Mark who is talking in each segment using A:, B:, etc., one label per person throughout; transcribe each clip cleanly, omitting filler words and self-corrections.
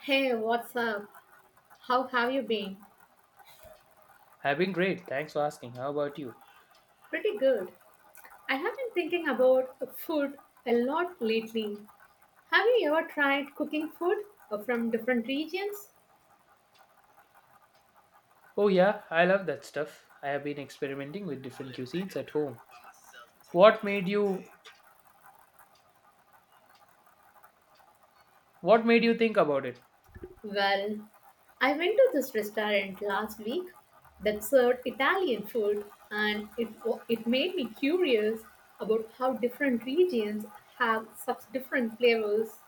A: Hey, what's up? How have you been?
B: I've been great. Thanks for asking. How about you?
A: Pretty good. I have been thinking about food a lot lately. Have you ever tried cooking food from different regions?
B: Oh, yeah, I love that stuff. I have been experimenting with different cuisines at home. What made you what made you think about it?
A: Well, I went to this restaurant last week that served Italian food and it made me curious about how different regions have such different flavors.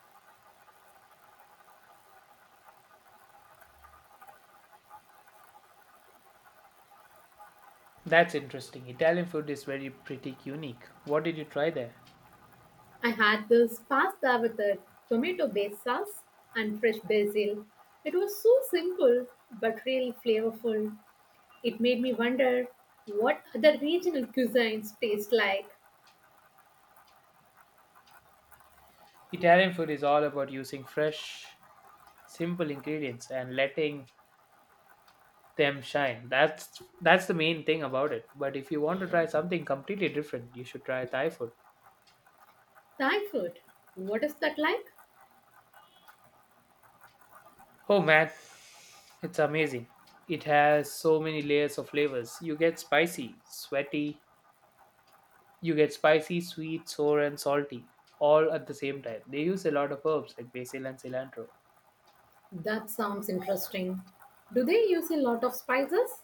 B: That's interesting. Italian food is very pretty unique. What did you try there?
A: I had this pasta with a tomato based sauce and fresh basil. It was so simple but really flavorful. It made me wonder what other regional cuisines taste like.
B: Italian food is all about using fresh, simple ingredients and letting them shine. That's the main thing about it. But if you want to try something completely different, you should try Thai food.
A: Thai food, what is that like?
B: Oh man, it's amazing. It has so many layers of flavors. You get spicy, sweet, sour, and salty all at the same time. They use a lot of herbs like basil and cilantro.
A: That sounds interesting. Do they use a lot of spices?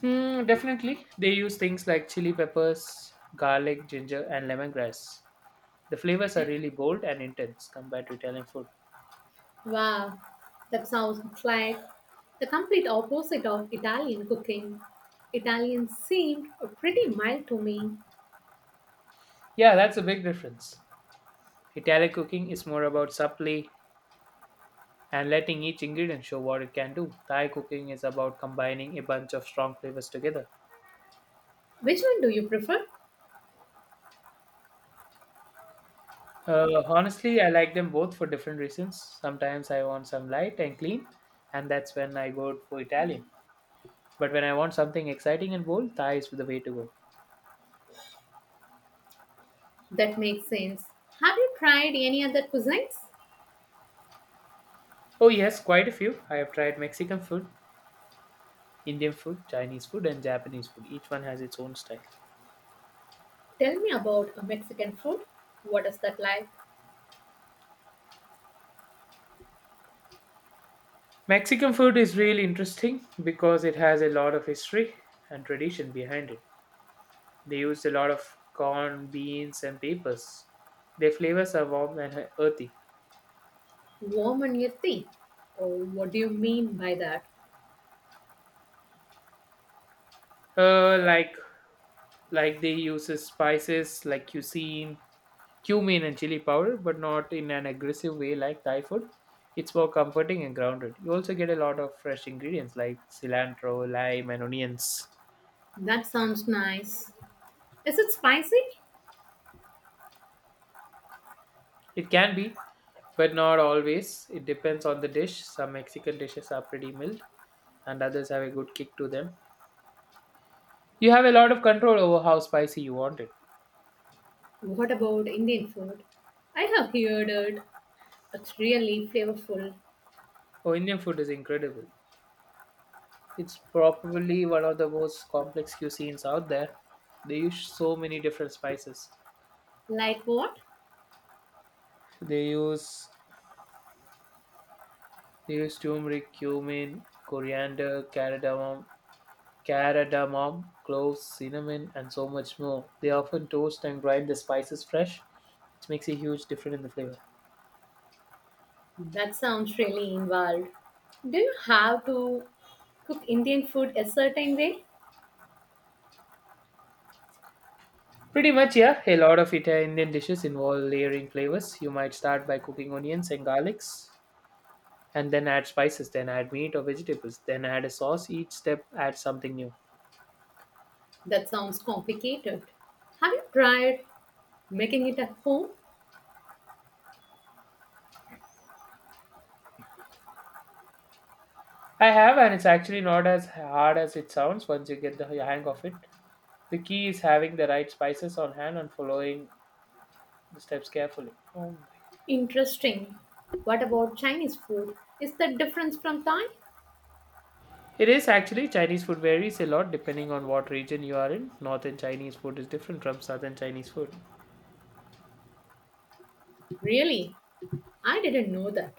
B: Hmm, definitely. They use things like chili peppers, garlic, ginger, and lemongrass. The flavors are really bold and intense compared to Italian food.
A: Wow, that sounds like the complete opposite of Italian cooking. Italian seemed pretty mild to me.
B: Yeah, that's a big difference. Italian cooking is more about supply, and letting each ingredient show what it can do. Thai cooking is about combining a bunch of strong flavors together.
A: Which one do you prefer?
B: Honestly, I like them both for different reasons. Sometimes I want some light and clean, and that's when I go for Italian. But when I want something exciting and bold, Thai is the way to go.
A: That makes sense. Have you tried any other cuisines?
B: Oh, yes, quite a few. I have tried Mexican food, Indian food, Chinese food, and Japanese food. Each one has its own style.
A: Tell me about a Mexican food. What is that like?
B: Mexican food is really interesting because it has a lot of history and tradition behind it. They used a lot of corn, beans, and peppers. Their flavors are warm and earthy.
A: Warm and your teeth? Or what do you mean by that?
B: Uh, like like they use spices like cumin, and chili powder, but not in an aggressive way like Thai food. It's more comforting and grounded. You also get a lot of fresh ingredients like cilantro, lime, and onions.
A: That sounds nice. Is it spicy?
B: It can be, but not always. It depends on the dish. Some Mexican dishes are pretty mild, and others have a good kick to them. You have a lot of control over how spicy you want it.
A: What about Indian food? I have heard it. It's really flavorful.
B: Oh, Indian food is incredible. It's probably one of the most complex cuisines out there. They use so many different spices.
A: Like what?
B: They use they use turmeric, cumin, coriander, cardamom, cloves, cinnamon, and so much more. They often toast and grind the spices fresh, which makes a huge difference in the flavor.
A: That sounds really involved. Do you have to cook Indian food a certain way?
B: Pretty much, yeah. A lot of Italian Indian dishes involve layering flavors. You might start by cooking onions and garlics, and then add spices, then add meat or vegetables, then add a sauce. Each step adds something new.
A: That sounds complicated. Have you tried making it at home?
B: I have, and it's actually not as hard as it sounds once you get the hang of it. The key is having the right spices on hand and following the steps carefully. Oh my.
A: Interesting. What about Chinese food? Is that different from Thai?
B: It is actually Chinese food varies a lot depending on what region you are in. Northern Chinese food is different from southern Chinese food.
A: Really? I didn't know that.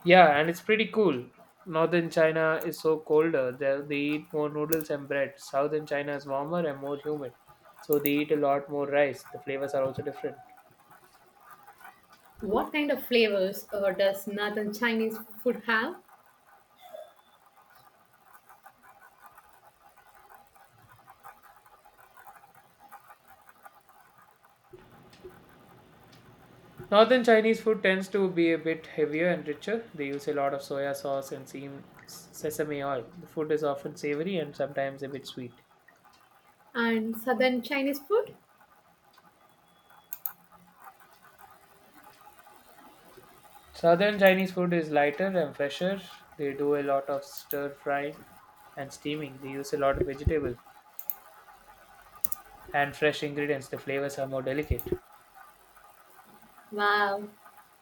B: Yeah, and it's pretty cool. Northern China is so colder. They eat more noodles and bread. Southern China is warmer and more humid. So they eat a lot more rice. The flavors are also different.
A: What kind of flavors does northern Chinese food have
B: Northern Chinese food tends to be a bit heavier and richer. They use a lot of soya sauce and sesame oil. The food is often savory and sometimes a bit sweet.
A: and southern Chinese food?
B: Southern Chinese food is lighter and fresher. They do a lot of stir frying and steaming. They use a lot of vegetables and fresh ingredients. The flavors are more delicate.
A: Wow.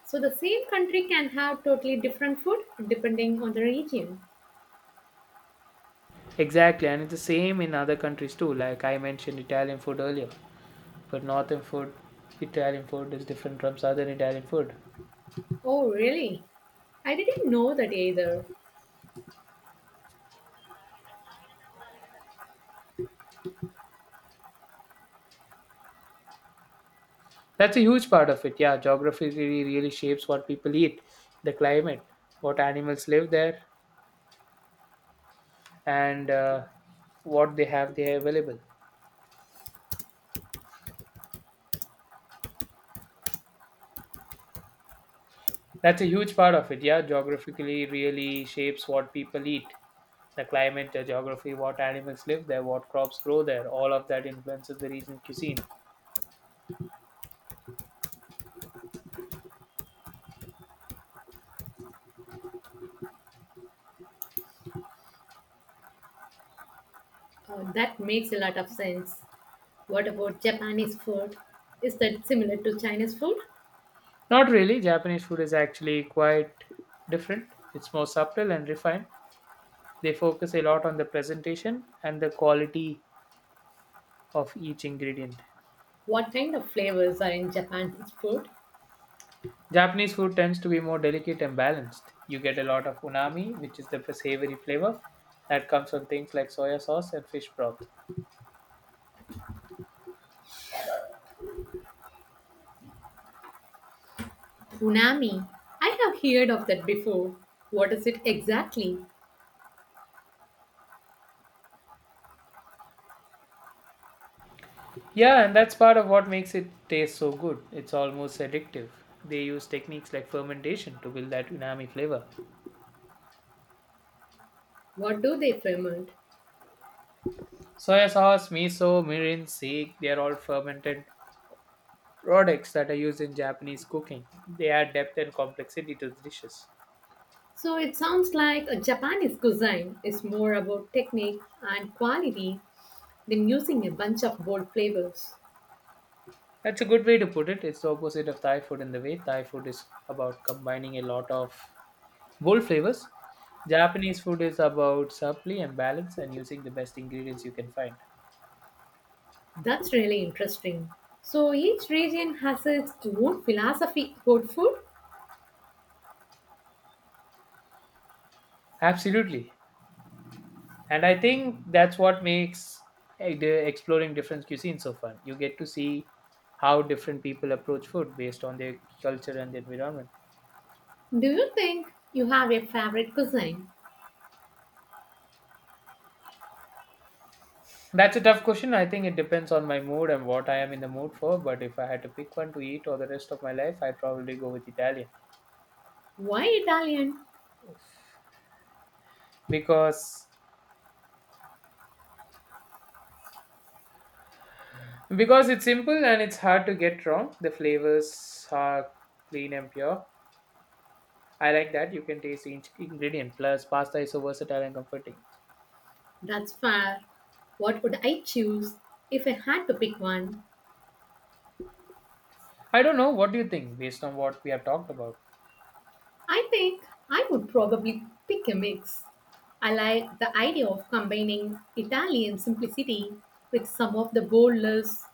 A: So the same country can have totally different food depending on the region.
B: Exactly, and it's the same in other countries too. Like I mentioned Italian food earlier, but Italian food is different from southern Italian food.
A: Oh, really? I didn't know that either.
B: That's a huge part of it. Yeah, geography really shapes what people eat, the climate, what animals live there, and what they have there available. That's a huge part of it. Yeah, geographically really shapes what people eat, the climate, the geography, what animals live there, what crops grow there. All of that influences the regional cuisine.
A: That makes a lot of sense. What about Japanese food? Is that similar to Chinese food?
B: Not really. Japanese food is actually quite different. It's more subtle and refined. They focus a lot on the presentation and the quality of each ingredient.
A: What kind of flavors are in Japanese food?
B: Japanese food tends to be more delicate and balanced. You get a lot of unami, which is the savory flavor that comes from things like soya sauce and fish broth.
A: Punami. I have heard of that before. What is it exactly?
B: Yeah, and that's part of what makes it taste so good. It's almost addictive. They use techniques like fermentation to build that unami flavor.
A: What do they ferment?
B: Soya sauce, miso, mirin, sake, they are all fermented products that are used in Japanese cooking. They add depth and complexity to the dishes.
A: So it sounds like a Japanese cuisine is more about technique and quality than using a bunch of bold flavors.
B: That's a good way to put it. It's the opposite of Thai food in the way Thai food is about combining a lot of bold flavors. Japanese food is about subtlety and balance and using the best ingredients you can find.
A: That's really interesting. So each region has its own philosophy about food.
B: Absolutely. And I think that's what makes the exploring different cuisines so fun. You get to see how different people approach food based on their culture and the environment.
A: Do you think you have a favorite cuisine?
B: That's a tough question. I think it depends on my mood and what I am in the mood for. But if I had to pick one to eat or the rest of my life, I'd probably go with Italian
A: Why Italian?
B: because because it's simple and it's hard to get wrong. The flavors are clean and pure. I like that you can taste each ingredient. Plus, pasta is so versatile and comforting.
A: That's fair. What would I choose if I had to pick one?
B: I don't know. What do you think based on what we have talked about?
A: I think I would probably pick a mix. I like the idea of combining Italian simplicity with some of the boldness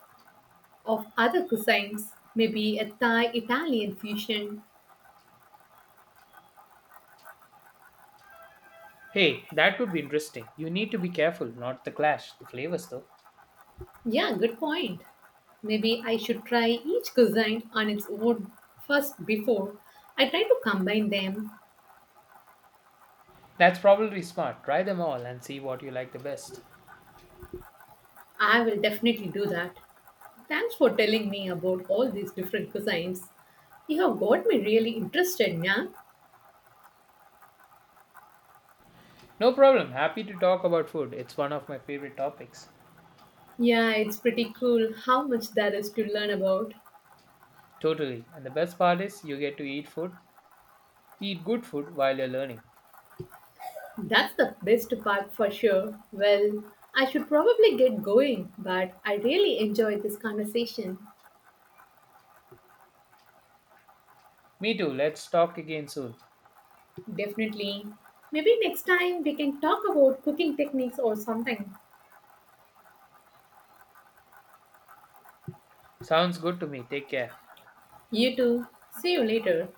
A: of other cuisines, maybe a Thai Italian fusion.
B: Hey, that could be interesting. You need to be careful, not the clash, the flavors though.
A: Yeah, good point. Maybe I should try each cuisine on its own first before I try to combine them.
B: That's probably smart. Try them all and see what you like the best.
A: I will definitely do that. Thanks for telling me about all these different cuisines. You have got me really interested, yeah?
B: No problem. Happy to talk about food. It's one of my favorite topics.
A: Yeah, it's pretty cool how much there is to learn about.
B: Totally. And the best part is you get to eat food, eat good food while you're learning.
A: That's the best part for sure. Well, I should probably get going, but I really enjoyed this conversation.
B: Me too. Let's talk again soon.
A: Definitely. Maybe next time we can talk about cooking techniques or something.
B: Sounds good to me. Take care.
A: You too. See you later.